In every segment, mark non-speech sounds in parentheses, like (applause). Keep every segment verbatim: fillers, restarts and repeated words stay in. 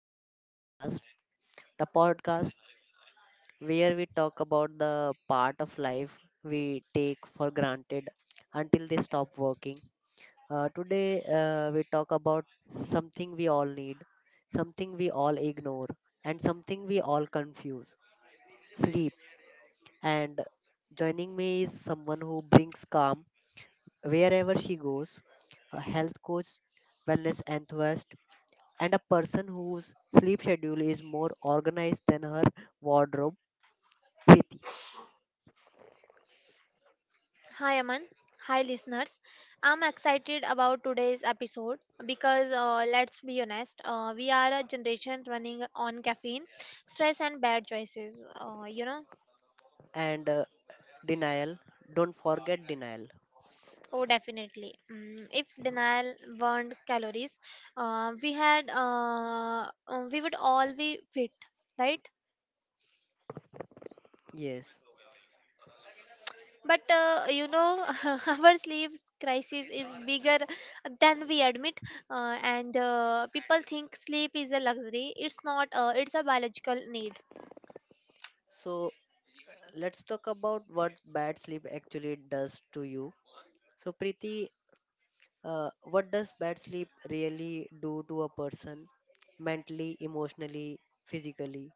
our podcast, the podcast where we talk about the part of life we take for granted until they stop working. Uh, today, uh, we talk about something we all need, something we all ignore, and something we all confuse sleep. And joining me is someone who brings calm wherever she goes, a health coach, wellness enthusiast, and a person whose sleep schedule is more organized than her wardrobe, Preeti. Hi Aman. Hi listeners. I'm excited about today's episode because uh, let's be honest, uh, we are a generation running on caffeine, stress, and bad choices. Uh, you know, and uh, denial. Don't forget denial. Oh, definitely. Mm, if denial burned calories, uh, we had uh, uh, we would all be fit, right? Yes. But uh, you know, (laughs) our sleep crisis is bigger than we admit, uh, and uh, people think sleep is a luxury. It's not. Uh, it's a biological need. So let's talk about what bad sleep actually does to you. So Preeti, uh, what does bad sleep really do to a person, mentally, emotionally, physically?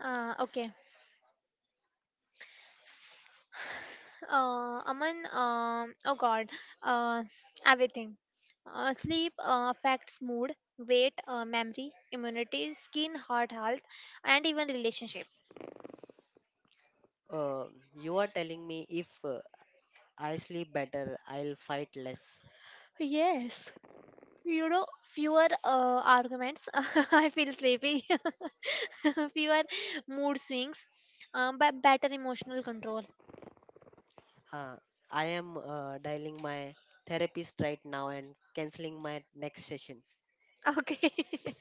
Uh, okay. Uh, Aman. Um. Oh God. Uh, Everything. Uh, sleep uh, affects mood, weight, uh, memory, immunity, skin, heart health, and even relationship. uh, you are telling me if uh, I sleep better, I'll fight less? Yes. You know, fewer uh, arguments. (laughs) I feel sleepy. (laughs) Fewer mood swings, um, but better emotional control. Uh, I am uh, dialing my therapist right now and canceling my next session. Okay, (laughs)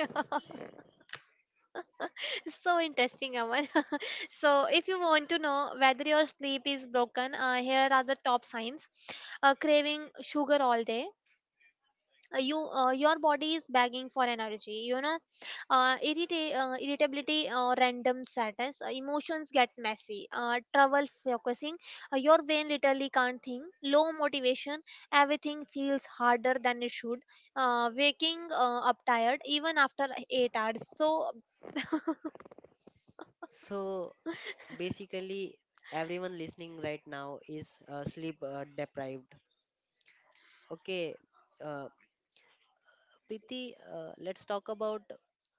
so interesting, Aman. (laughs) So, if you want to know whether your sleep is broken, uh, here are the top signs. Uh, craving sugar all day, uh, you uh, your body is begging for energy, you know. Uh, irrita- uh, irritability, uh, random sadness, uh, emotions get messy, uh, trouble focusing, uh, your brain literally can't think, low motivation, everything feels harder than it should, uh, waking uh, up tired even after eight hours. So So basically, everyone listening right now is uh, sleep uh, deprived. Okay. uh, Preeti, uh, let's talk about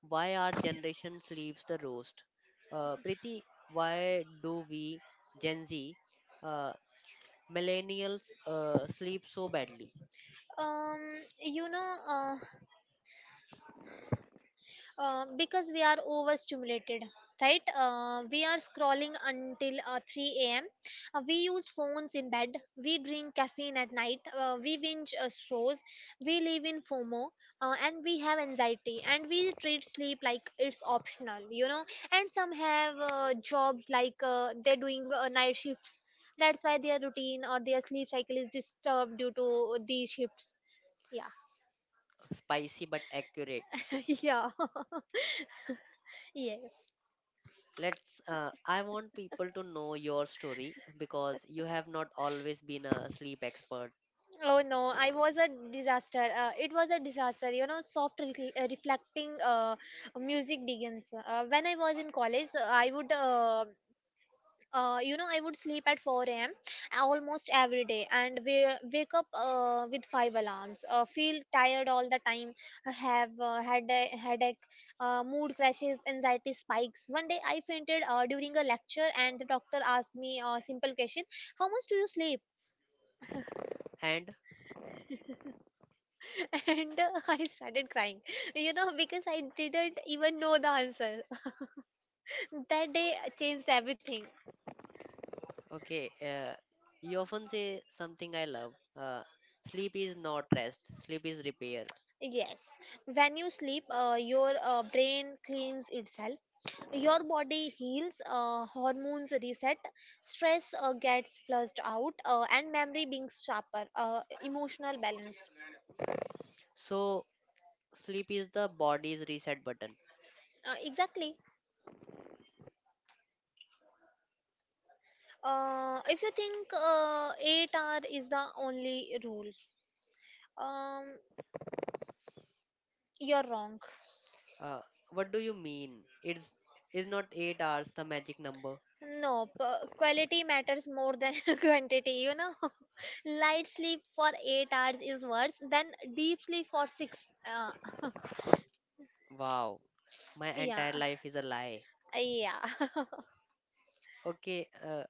why our generation sleeps the roast. Uh, Preeti, why do we, Gen Z, uh, millennials, uh, sleep so badly? um, you know uh, uh, because we are overstimulated, right? Uh, we are scrolling until uh, three a.m. Uh, we use phones in bed, we drink caffeine at night, uh, we binge uh, shows, we live in F O M O, uh, and we have anxiety, and we treat sleep like it's optional, you know. And some have uh, jobs like uh, they're doing uh, night shifts. That's why their routine or their sleep cycle is disturbed due to these shifts. Yeah. Spicy but accurate. (laughs) Yeah. (laughs) Yes. Let's uh, I want people to know your story, because you have not always been a sleep expert. Oh no, I was a disaster. Uh, it was a disaster. You know, soft re- uh, reflecting uh, music begins. Uh, when I was in college, uh, I would, uh, uh, you know, I would sleep at four a m almost every day, and we wake up uh, with five alarms. Uh, feel tired all the time, uh, have uh, had a headache, uh, mood crashes, anxiety spikes. One day I fainted uh, during a lecture, and the doctor asked me a simple question: how much do you sleep? And (laughs) And uh, I started crying, you know, because I didn't even know the answer. (laughs) That day changed everything. okay uh, You often say something I love. Uh, sleep is not rest, sleep is repair. Yes, when you sleep, uh, your uh, brain cleans itself, your body heals, uh, hormones reset, stress uh, gets flushed out, uh, and memory beings sharper, uh, emotional balance. So sleep is the body's reset button. Uh, exactly. Uh, if you think uh, eight hour is the only rule, um, you're wrong. uh, what do you mean, it's is not 8 hours the magic number? No, p- quality matters more than (laughs) quantity, you know. (laughs) Light sleep for eight hours is worse than deep sleep for six. Uh, wow, my Yeah. entire life is a lie. Yeah. (laughs) Okay uh,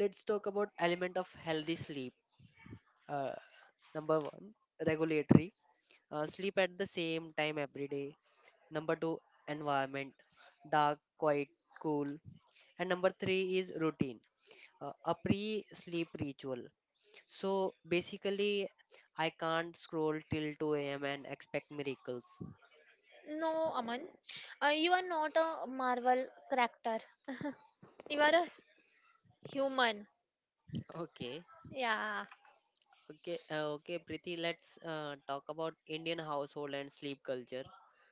Let's talk about element of healthy sleep. uh, Number one, regulatory. Uh, sleep at the same time every day. Number two, environment, dark, quiet, cool. And number three is routine, uh, a pre sleep ritual. So basically, I can't scroll till two a m and expect miracles. No, Aman. Uh, you are not a Marvel character. You are a human. Okay, Yeah. okay. Uh, okay, Preeti, let's uh, talk about Indian household and sleep culture.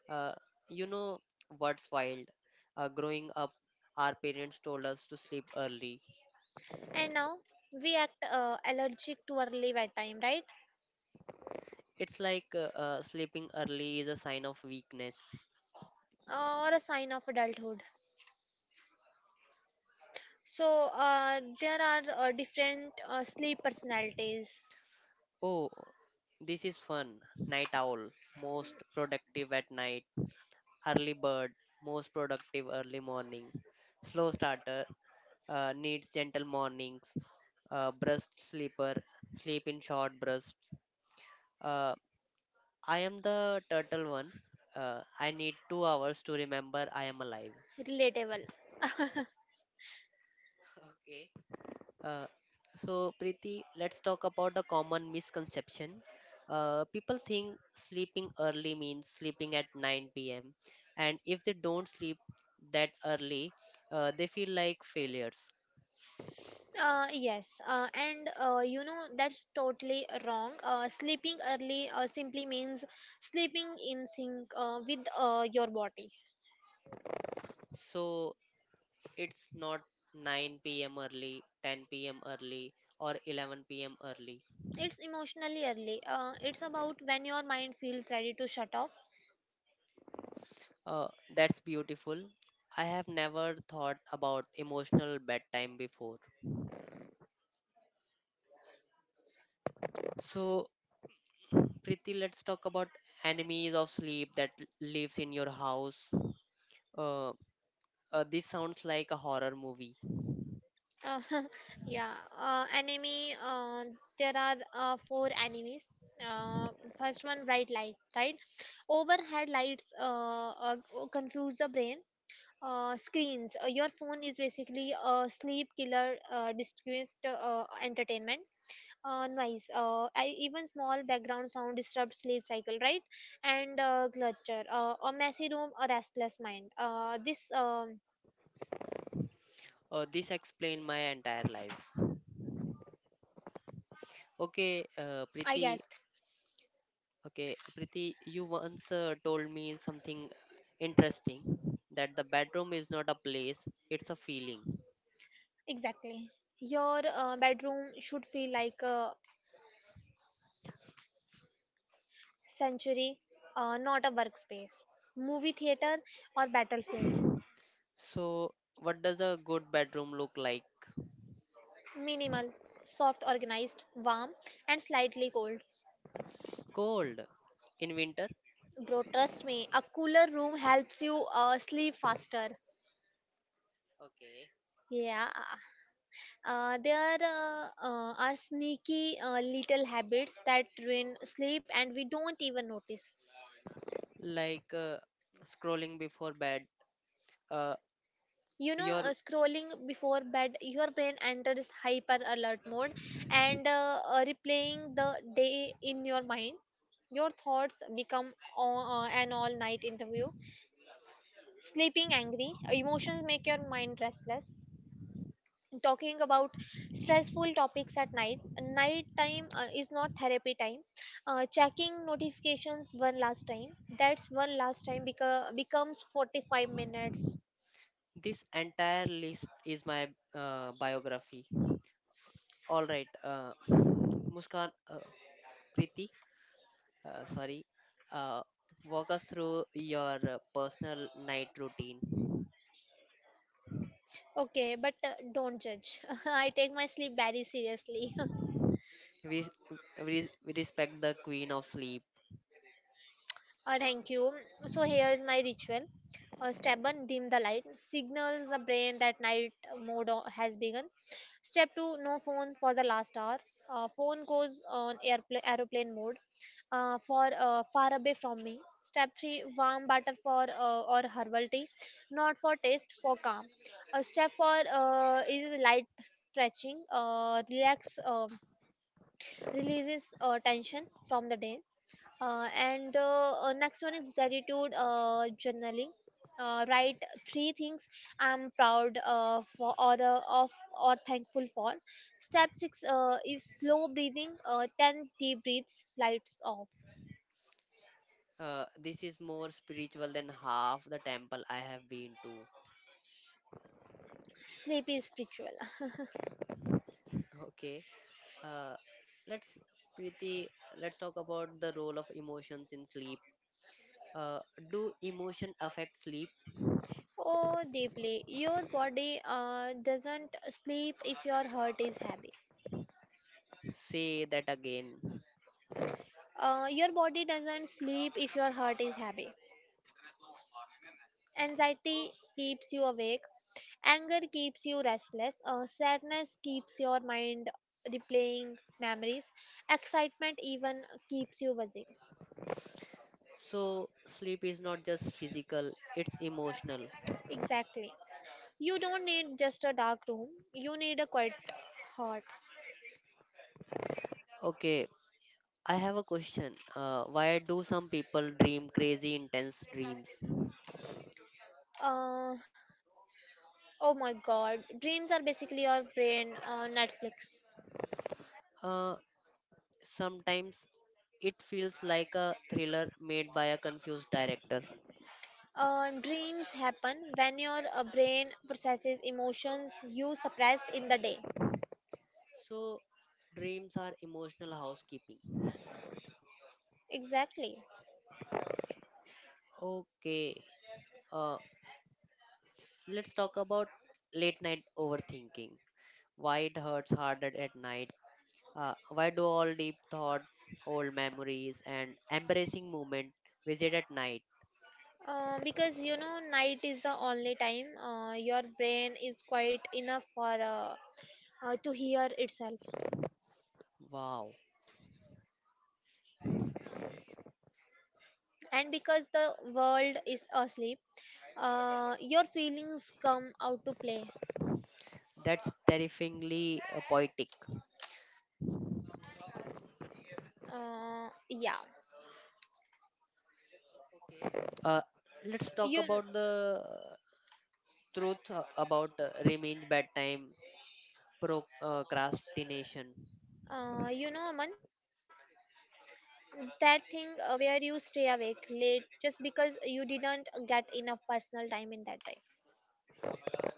Uh, you know what's wild? Uh, growing up, our parents told us to sleep early. And now we act uh, allergic to early bedtime, right? It's like uh, uh, sleeping early is a sign of weakness. Uh, or a sign of adulthood. So uh, there are uh, different uh, sleep personalities. Oh, this is fun. Night owl, most productive at night. Early bird, most productive early morning. Slow starter, uh, needs gentle mornings. Uh, breast sleeper, sleep in short bursts. Uh, I am the turtle one. Uh, I need two hours to remember I am alive. Relatable. (laughs) Okay. Uh, so, Preeti, let's talk about a common misconception. Uh, people think sleeping early means sleeping at nine p m, and if they don't sleep that early, uh, they feel like failures. Uh, yes, uh, and uh, you know that's totally wrong. Uh, sleeping early uh, simply means sleeping in sync uh, with uh, your body. So, it's not nine p m early, ten p m early, or eleven p m early. It's emotionally early. Uh, it's about when your mind feels ready to shut off. Uh, that's beautiful. I have never thought about emotional bedtime before. So, Preeti, let's talk about enemies of sleep that l- lives in your house. Uh, uh, this sounds like a horror movie. Uh, (laughs) yeah, uh, anime. Uh, there are uh, four animes. Uh, First one, bright light, right? Overhead lights uh, uh, oh, confuse the brain. Uh, screens. Uh, your phone is basically a sleep killer. Uh, distressed uh, entertainment. Uh, noise. Uh, I, even small background sound disrupts sleep cycle, right? And uh, clutter. Uh, a messy room, a restless mind. Uh, this um, Uh, this explained my entire life. Okay. uh, I Preeti. guessed. Okay, Preeti, you once uh, told me something interesting, that the bedroom is not a place; it's a feeling. Exactly. Your uh, bedroom should feel like a sanctuary, uh, not a workspace. Movie theater or battlefield. So, what does a good bedroom look like? Minimal, soft, organized, warm, and slightly cold. Cold in winter. Bro, trust me, a cooler room helps you uh, sleep faster. Okay. Yeah. Uh, there uh, uh, are sneaky uh, little habits that ruin sleep and we don't even notice. Like uh, scrolling before bed. Uh, You know, uh, your scrolling before bed, your brain enters hyper alert mode, and uh, uh, replaying the day in your mind, your thoughts become o- uh, an all night interview. Sleeping angry, emotions make your mind restless. Talking about stressful topics at night, night time uh, is not therapy time. Uh, checking notifications one last time, that's one last time beca- becomes forty-five minutes. This entire list is my uh, biography. All right. uh, Muskan, uh, Preeti, uh, sorry, uh, walk us through your uh, personal night routine. Okay, but uh, don't judge. (laughs) I take my sleep very seriously. (laughs) We, we, we respect the queen of sleep. Uh, thank you. So here's my ritual. Uh, step one, dim the light. Signals the brain that night mode o- has begun. Step two, no phone for the last hour. Uh, phone goes on airplane aeroplane mode uh, for uh, far away from me. Step three, warm butter for uh, or herbal tea, not for taste, for calm. Uh, step four uh, is light stretching. Uh, relax. Um, releases uh, tension from the day. Uh, and uh, uh, Next one is gratitude uh, journaling. Uh, write three things I'm proud uh, for or uh, of or thankful for. Step six uh, is slow breathing. Uh, Ten deep breaths, lights off. Uh, this is more spiritual than half the temple I have been to. Sleep is spiritual. (laughs) Okay. uh, let's Preeti, let's talk about the role of emotions in sleep. Uh, do emotion affect sleep? Oh, deeply. Your body uh, doesn't sleep if your heart is heavy. Say that again. Uh, your body doesn't sleep if your heart is heavy. Anxiety keeps you awake, anger keeps you restless, uh, sadness keeps your mind replaying memories, excitement even keeps you buzzing. So, sleep is not just physical, it's emotional. Exactly. You don't need just a dark room, you need a quiet heart. Okay, I have a question. Uh, why do some people dream crazy, intense dreams? Uh, oh my god, dreams are basically your brain uh, Netflix. Uh, Sometimes it feels like a thriller made by a confused director. Uh, dreams happen when your uh, brain processes emotions you suppressed in the day. So, dreams are emotional housekeeping. Exactly. Okay. uh, let's talk about late night overthinking. Why it hurts harder at night. Uh, why do all deep thoughts, old memories, and embarrassing moment visit at night? Uh, because you know, night is the only time uh, your brain is quite enough for uh, uh, to hear itself, Wow, and because the world is asleep, uh, your feelings come out to play. that's terrifyingly uh, poetic. Uh, yeah, Uh, let's talk you about the uh, truth uh, about uh, revenge bedtime procrastination. uh, you know, Aman, that thing uh, where you stay awake late just because you didn't get enough personal time in that time.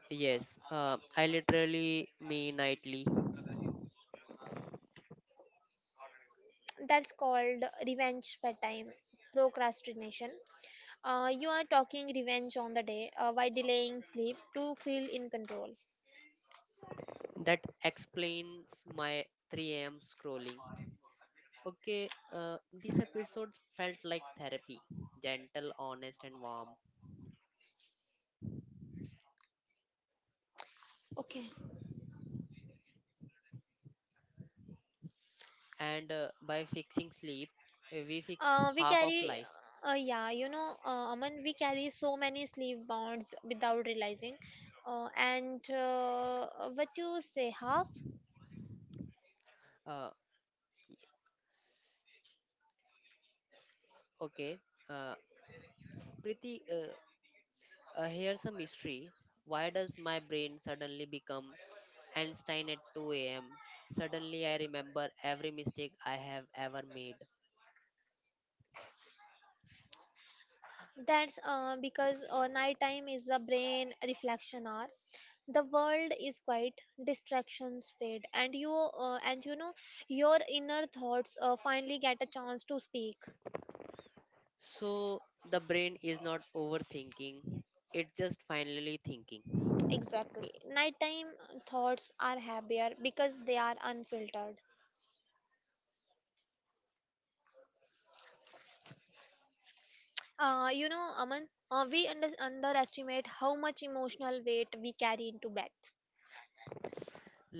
Yes, uh, I literally me nightly. That's called revenge bedtime procrastination. Uh, you are talking revenge on the day uh, by delaying sleep to feel in control. That explains my three a m scrolling. Okay. Uh, this episode felt like therapy, gentle, honest, and warm. Okay. and uh, by fixing sleep, uh, we fix Uh, we half of carry, life. uh, yeah, you know, uh, Aman, we carry so many sleep bonds without realizing. Uh, and uh, What you say, half? Uh, okay uh, Preeti, uh, uh, here's a mystery. Why does my brain suddenly become Einstein at two a.m.? Suddenly I remember every mistake I have ever made. That's uh, because uh, nighttime is the brain reflection hour. The world is quiet, distractions fade, and you uh, and you know, your inner thoughts uh, finally get a chance to speak. So the brain is not overthinking, it's just finally thinking. Exactly. Nighttime thoughts are happier because they are unfiltered. Uh, you know, Aman, uh, we under- underestimate how much emotional weight we carry into bed.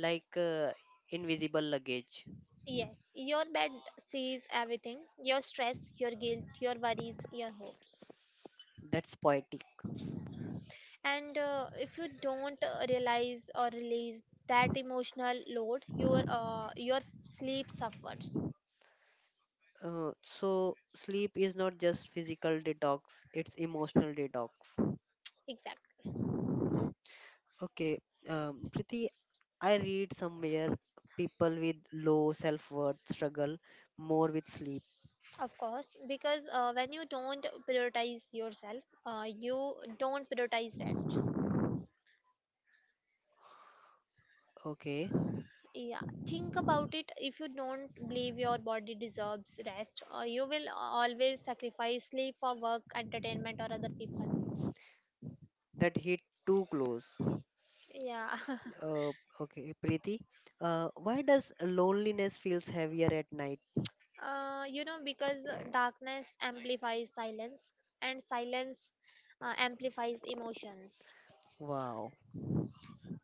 Like uh, invisible luggage. Yes, your bed sees everything: your stress, your guilt, your worries, your hopes. That's poetic. And uh, if you don't uh, realize or release that emotional load, your, uh, your sleep suffers. Uh, so sleep is not just physical detox, it's emotional detox. Exactly. Okay. um, Priti, I read somewhere people with low self-worth struggle more with sleep. Of course, because uh, when you don't prioritize yourself, uh, you don't prioritize rest. Okay, Yeah, think about it. If you don't believe your body deserves rest, uh, you will always sacrifice sleep for work, entertainment, or other people. that hit too close. Yeah, Uh, okay, Priti, uh, why does loneliness feels heavier at night? (laughs) uh, you know, because darkness amplifies silence, and silence uh, amplifies emotions. Wow.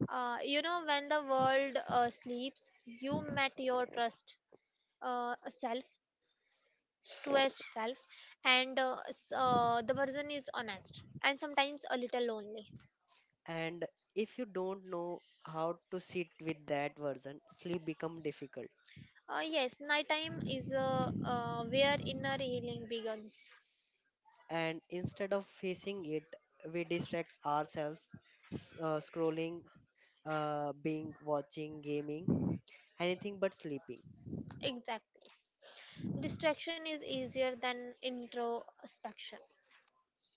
Uh, you know, when the world uh, sleeps, you met your trust uh, self truest self, and uh, s- uh, the person is honest and sometimes a little lonely. And if you don't know how to sit with that version, sleep become difficult. Uh, yes, nighttime is uh, uh, where inner healing begins. And instead of facing it, we distract ourselves, s- uh, scrolling, uh, being watching gaming, anything but sleeping. Exactly. Distraction is easier than introspection.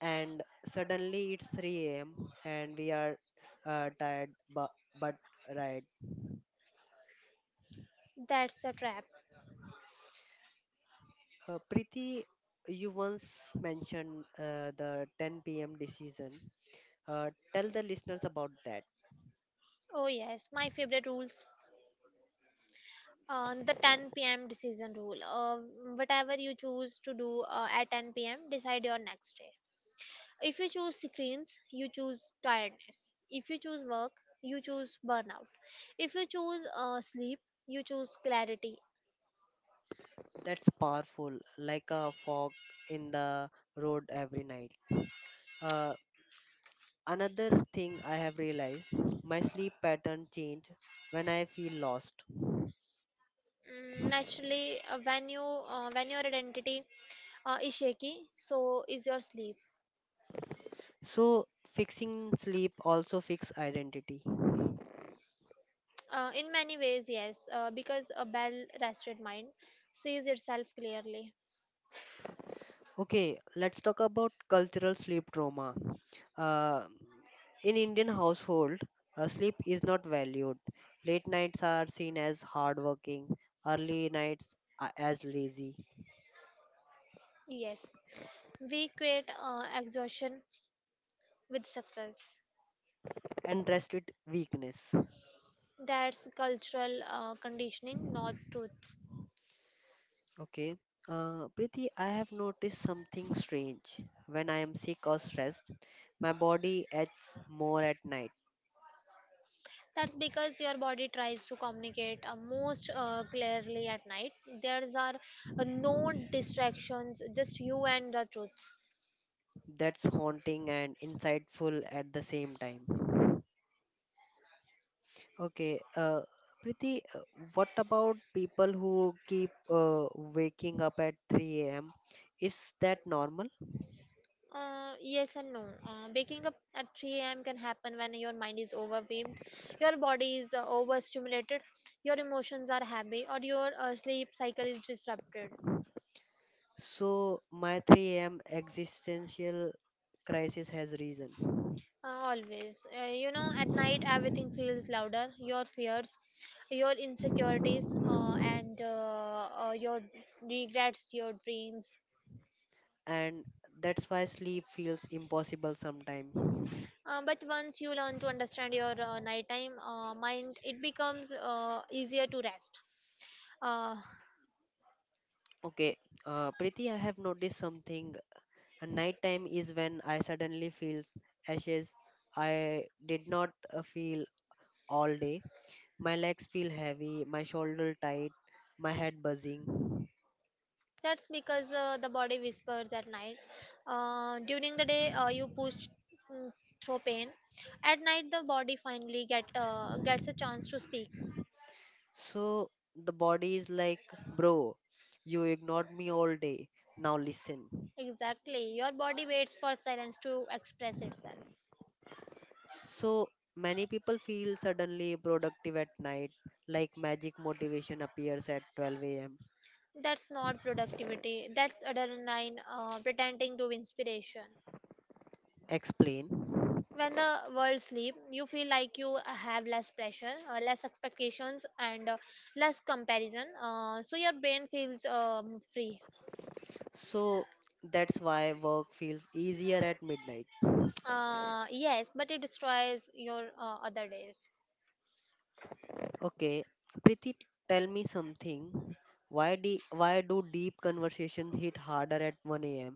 And suddenly it's three a.m. and we are uh, tired, but, but right? That's the trap. uh, Preeti, you once mentioned uh, the ten p m decision. Uh, tell the listeners about that. Oh, yes, my favorite rules. Uh, the ten p m decision rule. Uh, whatever you choose to do uh, at ten p m, decide your next day. If you choose screens, you choose tiredness. If you choose work, you choose burnout. If you choose uh, sleep, you choose clarity. That's powerful, like a fog in the road every night. Uh, Another thing I have realized: my sleep pattern change when I feel lost. Mm, naturally, uh, when you uh, when your identity uh, is shaky, so is your sleep. So fixing sleep also fix identity. Uh, in many ways, yes, uh, because a well-rested mind sees itself clearly. Okay, let's talk about cultural sleep trauma. Uh, in Indian household, uh, sleep is not valued. Late nights are seen as hardworking, early nights a- as lazy, Yes, we equate uh, exhaustion with success. and rest with weakness. That's cultural uh, conditioning, not truth. Okay. Uh, Preeti, I have noticed something strange. When I am sick or stressed, my body aches more at night. That's because your body tries to communicate uh, most uh, clearly at night. There's are uh, no distractions, just you and the truth. That's haunting and insightful at the same time. Okay. Uh, Preeti, uh, what about people who keep uh, waking up at three a m? Is that normal? Uh, yes and no. Uh, waking up at three a m can happen when your mind is overwhelmed, your body is uh, overstimulated, your emotions are heavy, or your uh, sleep cycle is disrupted. So, my three a m existential crisis has risen, Uh, Always. Uh, you know, at night everything feels louder. Your fears, your insecurities, uh, and uh, uh, your regrets, your dreams. and that's why sleep feels impossible sometimes. Uh, but once you learn to understand your uh, nighttime uh, mind, it becomes uh, easier to rest. Uh, Okay. uh, Preeti, I have noticed something. Uh, Nighttime is when I suddenly feel ashes. I did not uh, feel all day. My legs feel heavy, my shoulder tight, my head buzzing. that's because uh, the body whispers at night. Uh, during the day, uh, you push mm, through pain. At night, the body finally get uh, gets a chance to speak. So the body is like, bro, you ignored me all day. Now listen. Exactly. Your body waits for silence to express itself. So many people feel suddenly productive at night, like magic motivation appears at twelve a m. That's not productivity. That's adrenaline uh, pretending to be inspiration. Explain. When the world sleep, you feel like you have less pressure, uh, less expectations, and uh, less comparison. Uh, so your brain feels um, free. So that's why work feels easier at midnight. Uh, yes, but it destroys your uh, other days. Okay, Preeti, tell me something. Why de- why do deep conversations hit harder at one a m?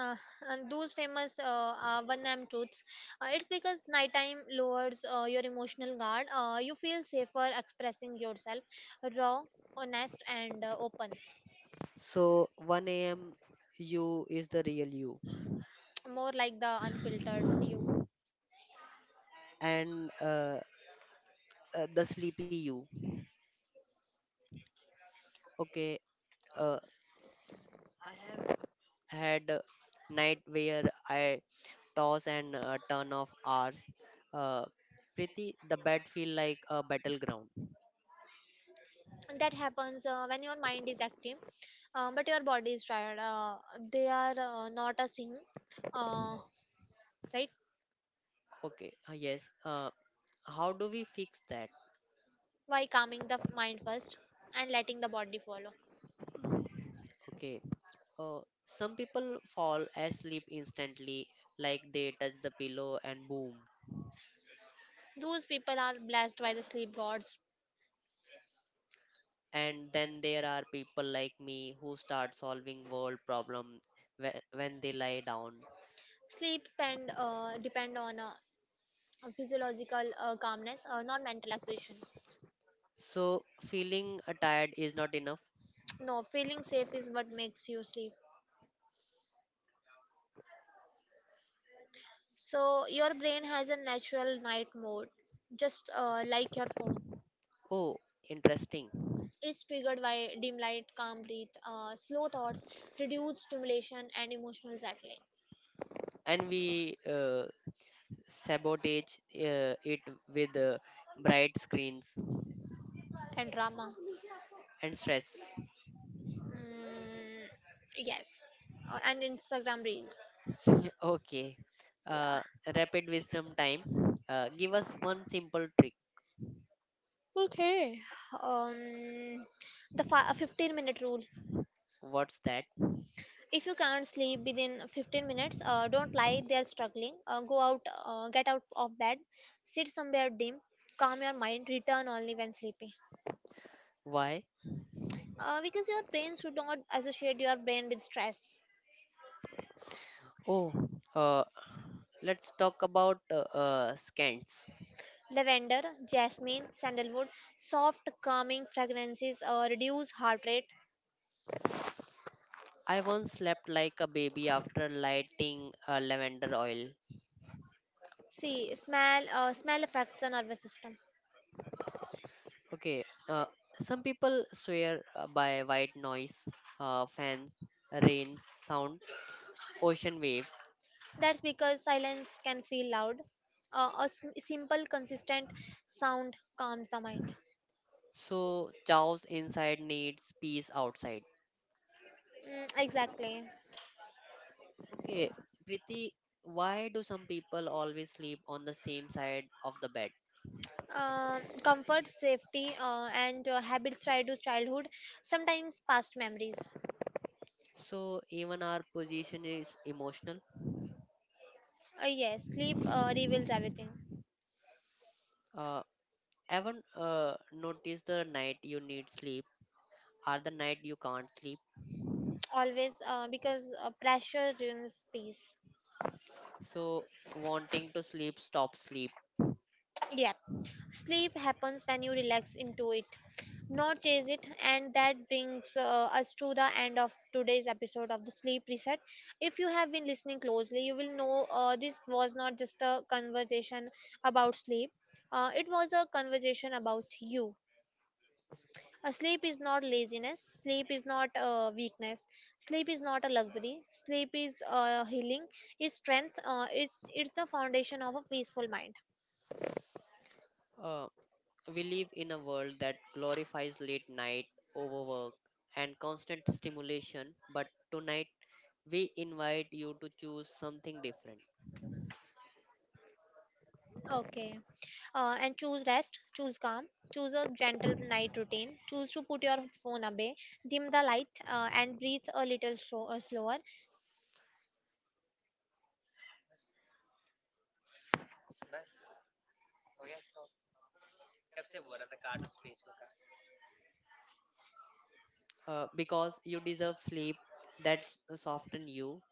uh, and those famous uh, uh, one name truths, uh, it's because nighttime lowers uh, your emotional guard, uh, you feel safer expressing yourself raw, honest, and uh, open. So one a m you is the real you More like the unfiltered you. and uh, uh, the sleepy you. Okay. uh, I have had a night where I toss and uh, turn of hours. Uh, Preeti, the bed feel like a battleground. And that happens uh, when your mind is active uh, but your body is tired, uh, they are uh, not a sync, uh, right? Okay. Uh, yes. Uh, how do we fix that? By calming the mind first and letting the body follow. Okay uh, some people fall asleep instantly, like they touch the pillow and boom. Those people are blessed by the sleep gods. And then there are people like me who start solving world problem whe- when they lie down. Sleep spend uh, depend on uh, uh, physiological uh, calmness, uh, not mental exhaustion. So feeling uh, tired is not enough. (tsk) No, feeling safe is what makes you sleep. So your brain has a natural night mode, just uh, like your phone. Oh, interesting. It's triggered by dim light, calm breath, uh, slow thoughts, reduced stimulation, and emotional settling And we uh, sabotage uh, it with uh, bright screens and drama. and stress. Mm, yes. Uh, and Instagram reels. Yeah. Okay. Yeah. Uh, Rapid wisdom time. Uh, give us one simple trick. Okay. Um, the fi- fifteen minute rule. What's that? If you can't sleep within fifteen minutes, uh, don't lie there struggling. Uh, go out, uh, get out of bed, sit somewhere dim, calm your mind, return only when sleepy. Why? Uh, because your brain should not associate your brain with stress. Oh. uh, let's talk about uh, uh, scents. Lavender, jasmine, sandalwood, soft calming fragrances uh, reduce heart rate. I once slept like a baby after lighting uh, lavender oil. See, smell, uh, smell affects the nervous system. Okay. Uh, some people swear uh, by white noise, uh, fans, rains, sound, ocean waves. That's because silence can feel loud. Uh, a s- simple, consistent sound calms the mind. So, chaos inside needs peace outside. Mm, exactly. Okay, Priti, why do some people always sleep on the same side of the bed? Um, comfort, safety, uh, and uh, habits tied to childhood, sometimes past memories. So even our position is emotional. Uh, yes, sleep uh, reveals everything. Uh, Ever uh, notice the night you need sleep, or the night you can't sleep? Always, uh, because uh, pressure ruins peace. So wanting to sleep, stop sleep. Yeah, sleep happens when you relax into it, not chase it, and that brings uh, us to the end of today's episode of the Sleep Reset. If you have been listening closely, you will know uh, this was not just a conversation about sleep. Uh, it was a conversation about you. Uh, sleep is not laziness. Sleep is not uh, weakness. Sleep is not a luxury. Sleep is uh, healing. It's strength. Uh, it, it's the foundation of a peaceful mind. Uh, we live in a world that glorifies late night, overwork, and constant stimulation. But tonight, we invite you to choose something different. Uh, because you deserve sleep that soften you,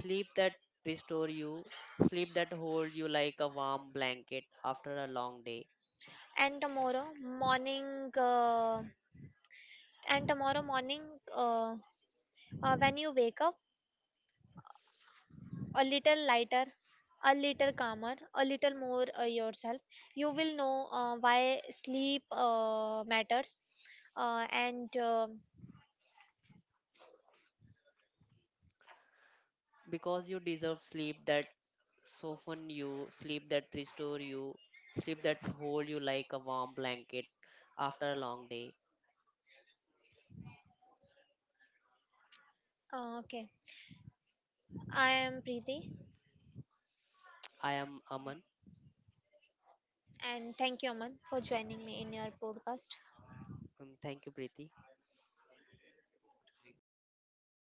sleep that restore you, sleep that hold you like a warm blanket after a long day. Because you deserve sleep that soften you, sleep that restore you, sleep that hold you like a warm blanket after a long day. I am Aman. Um, thank you, Preeti.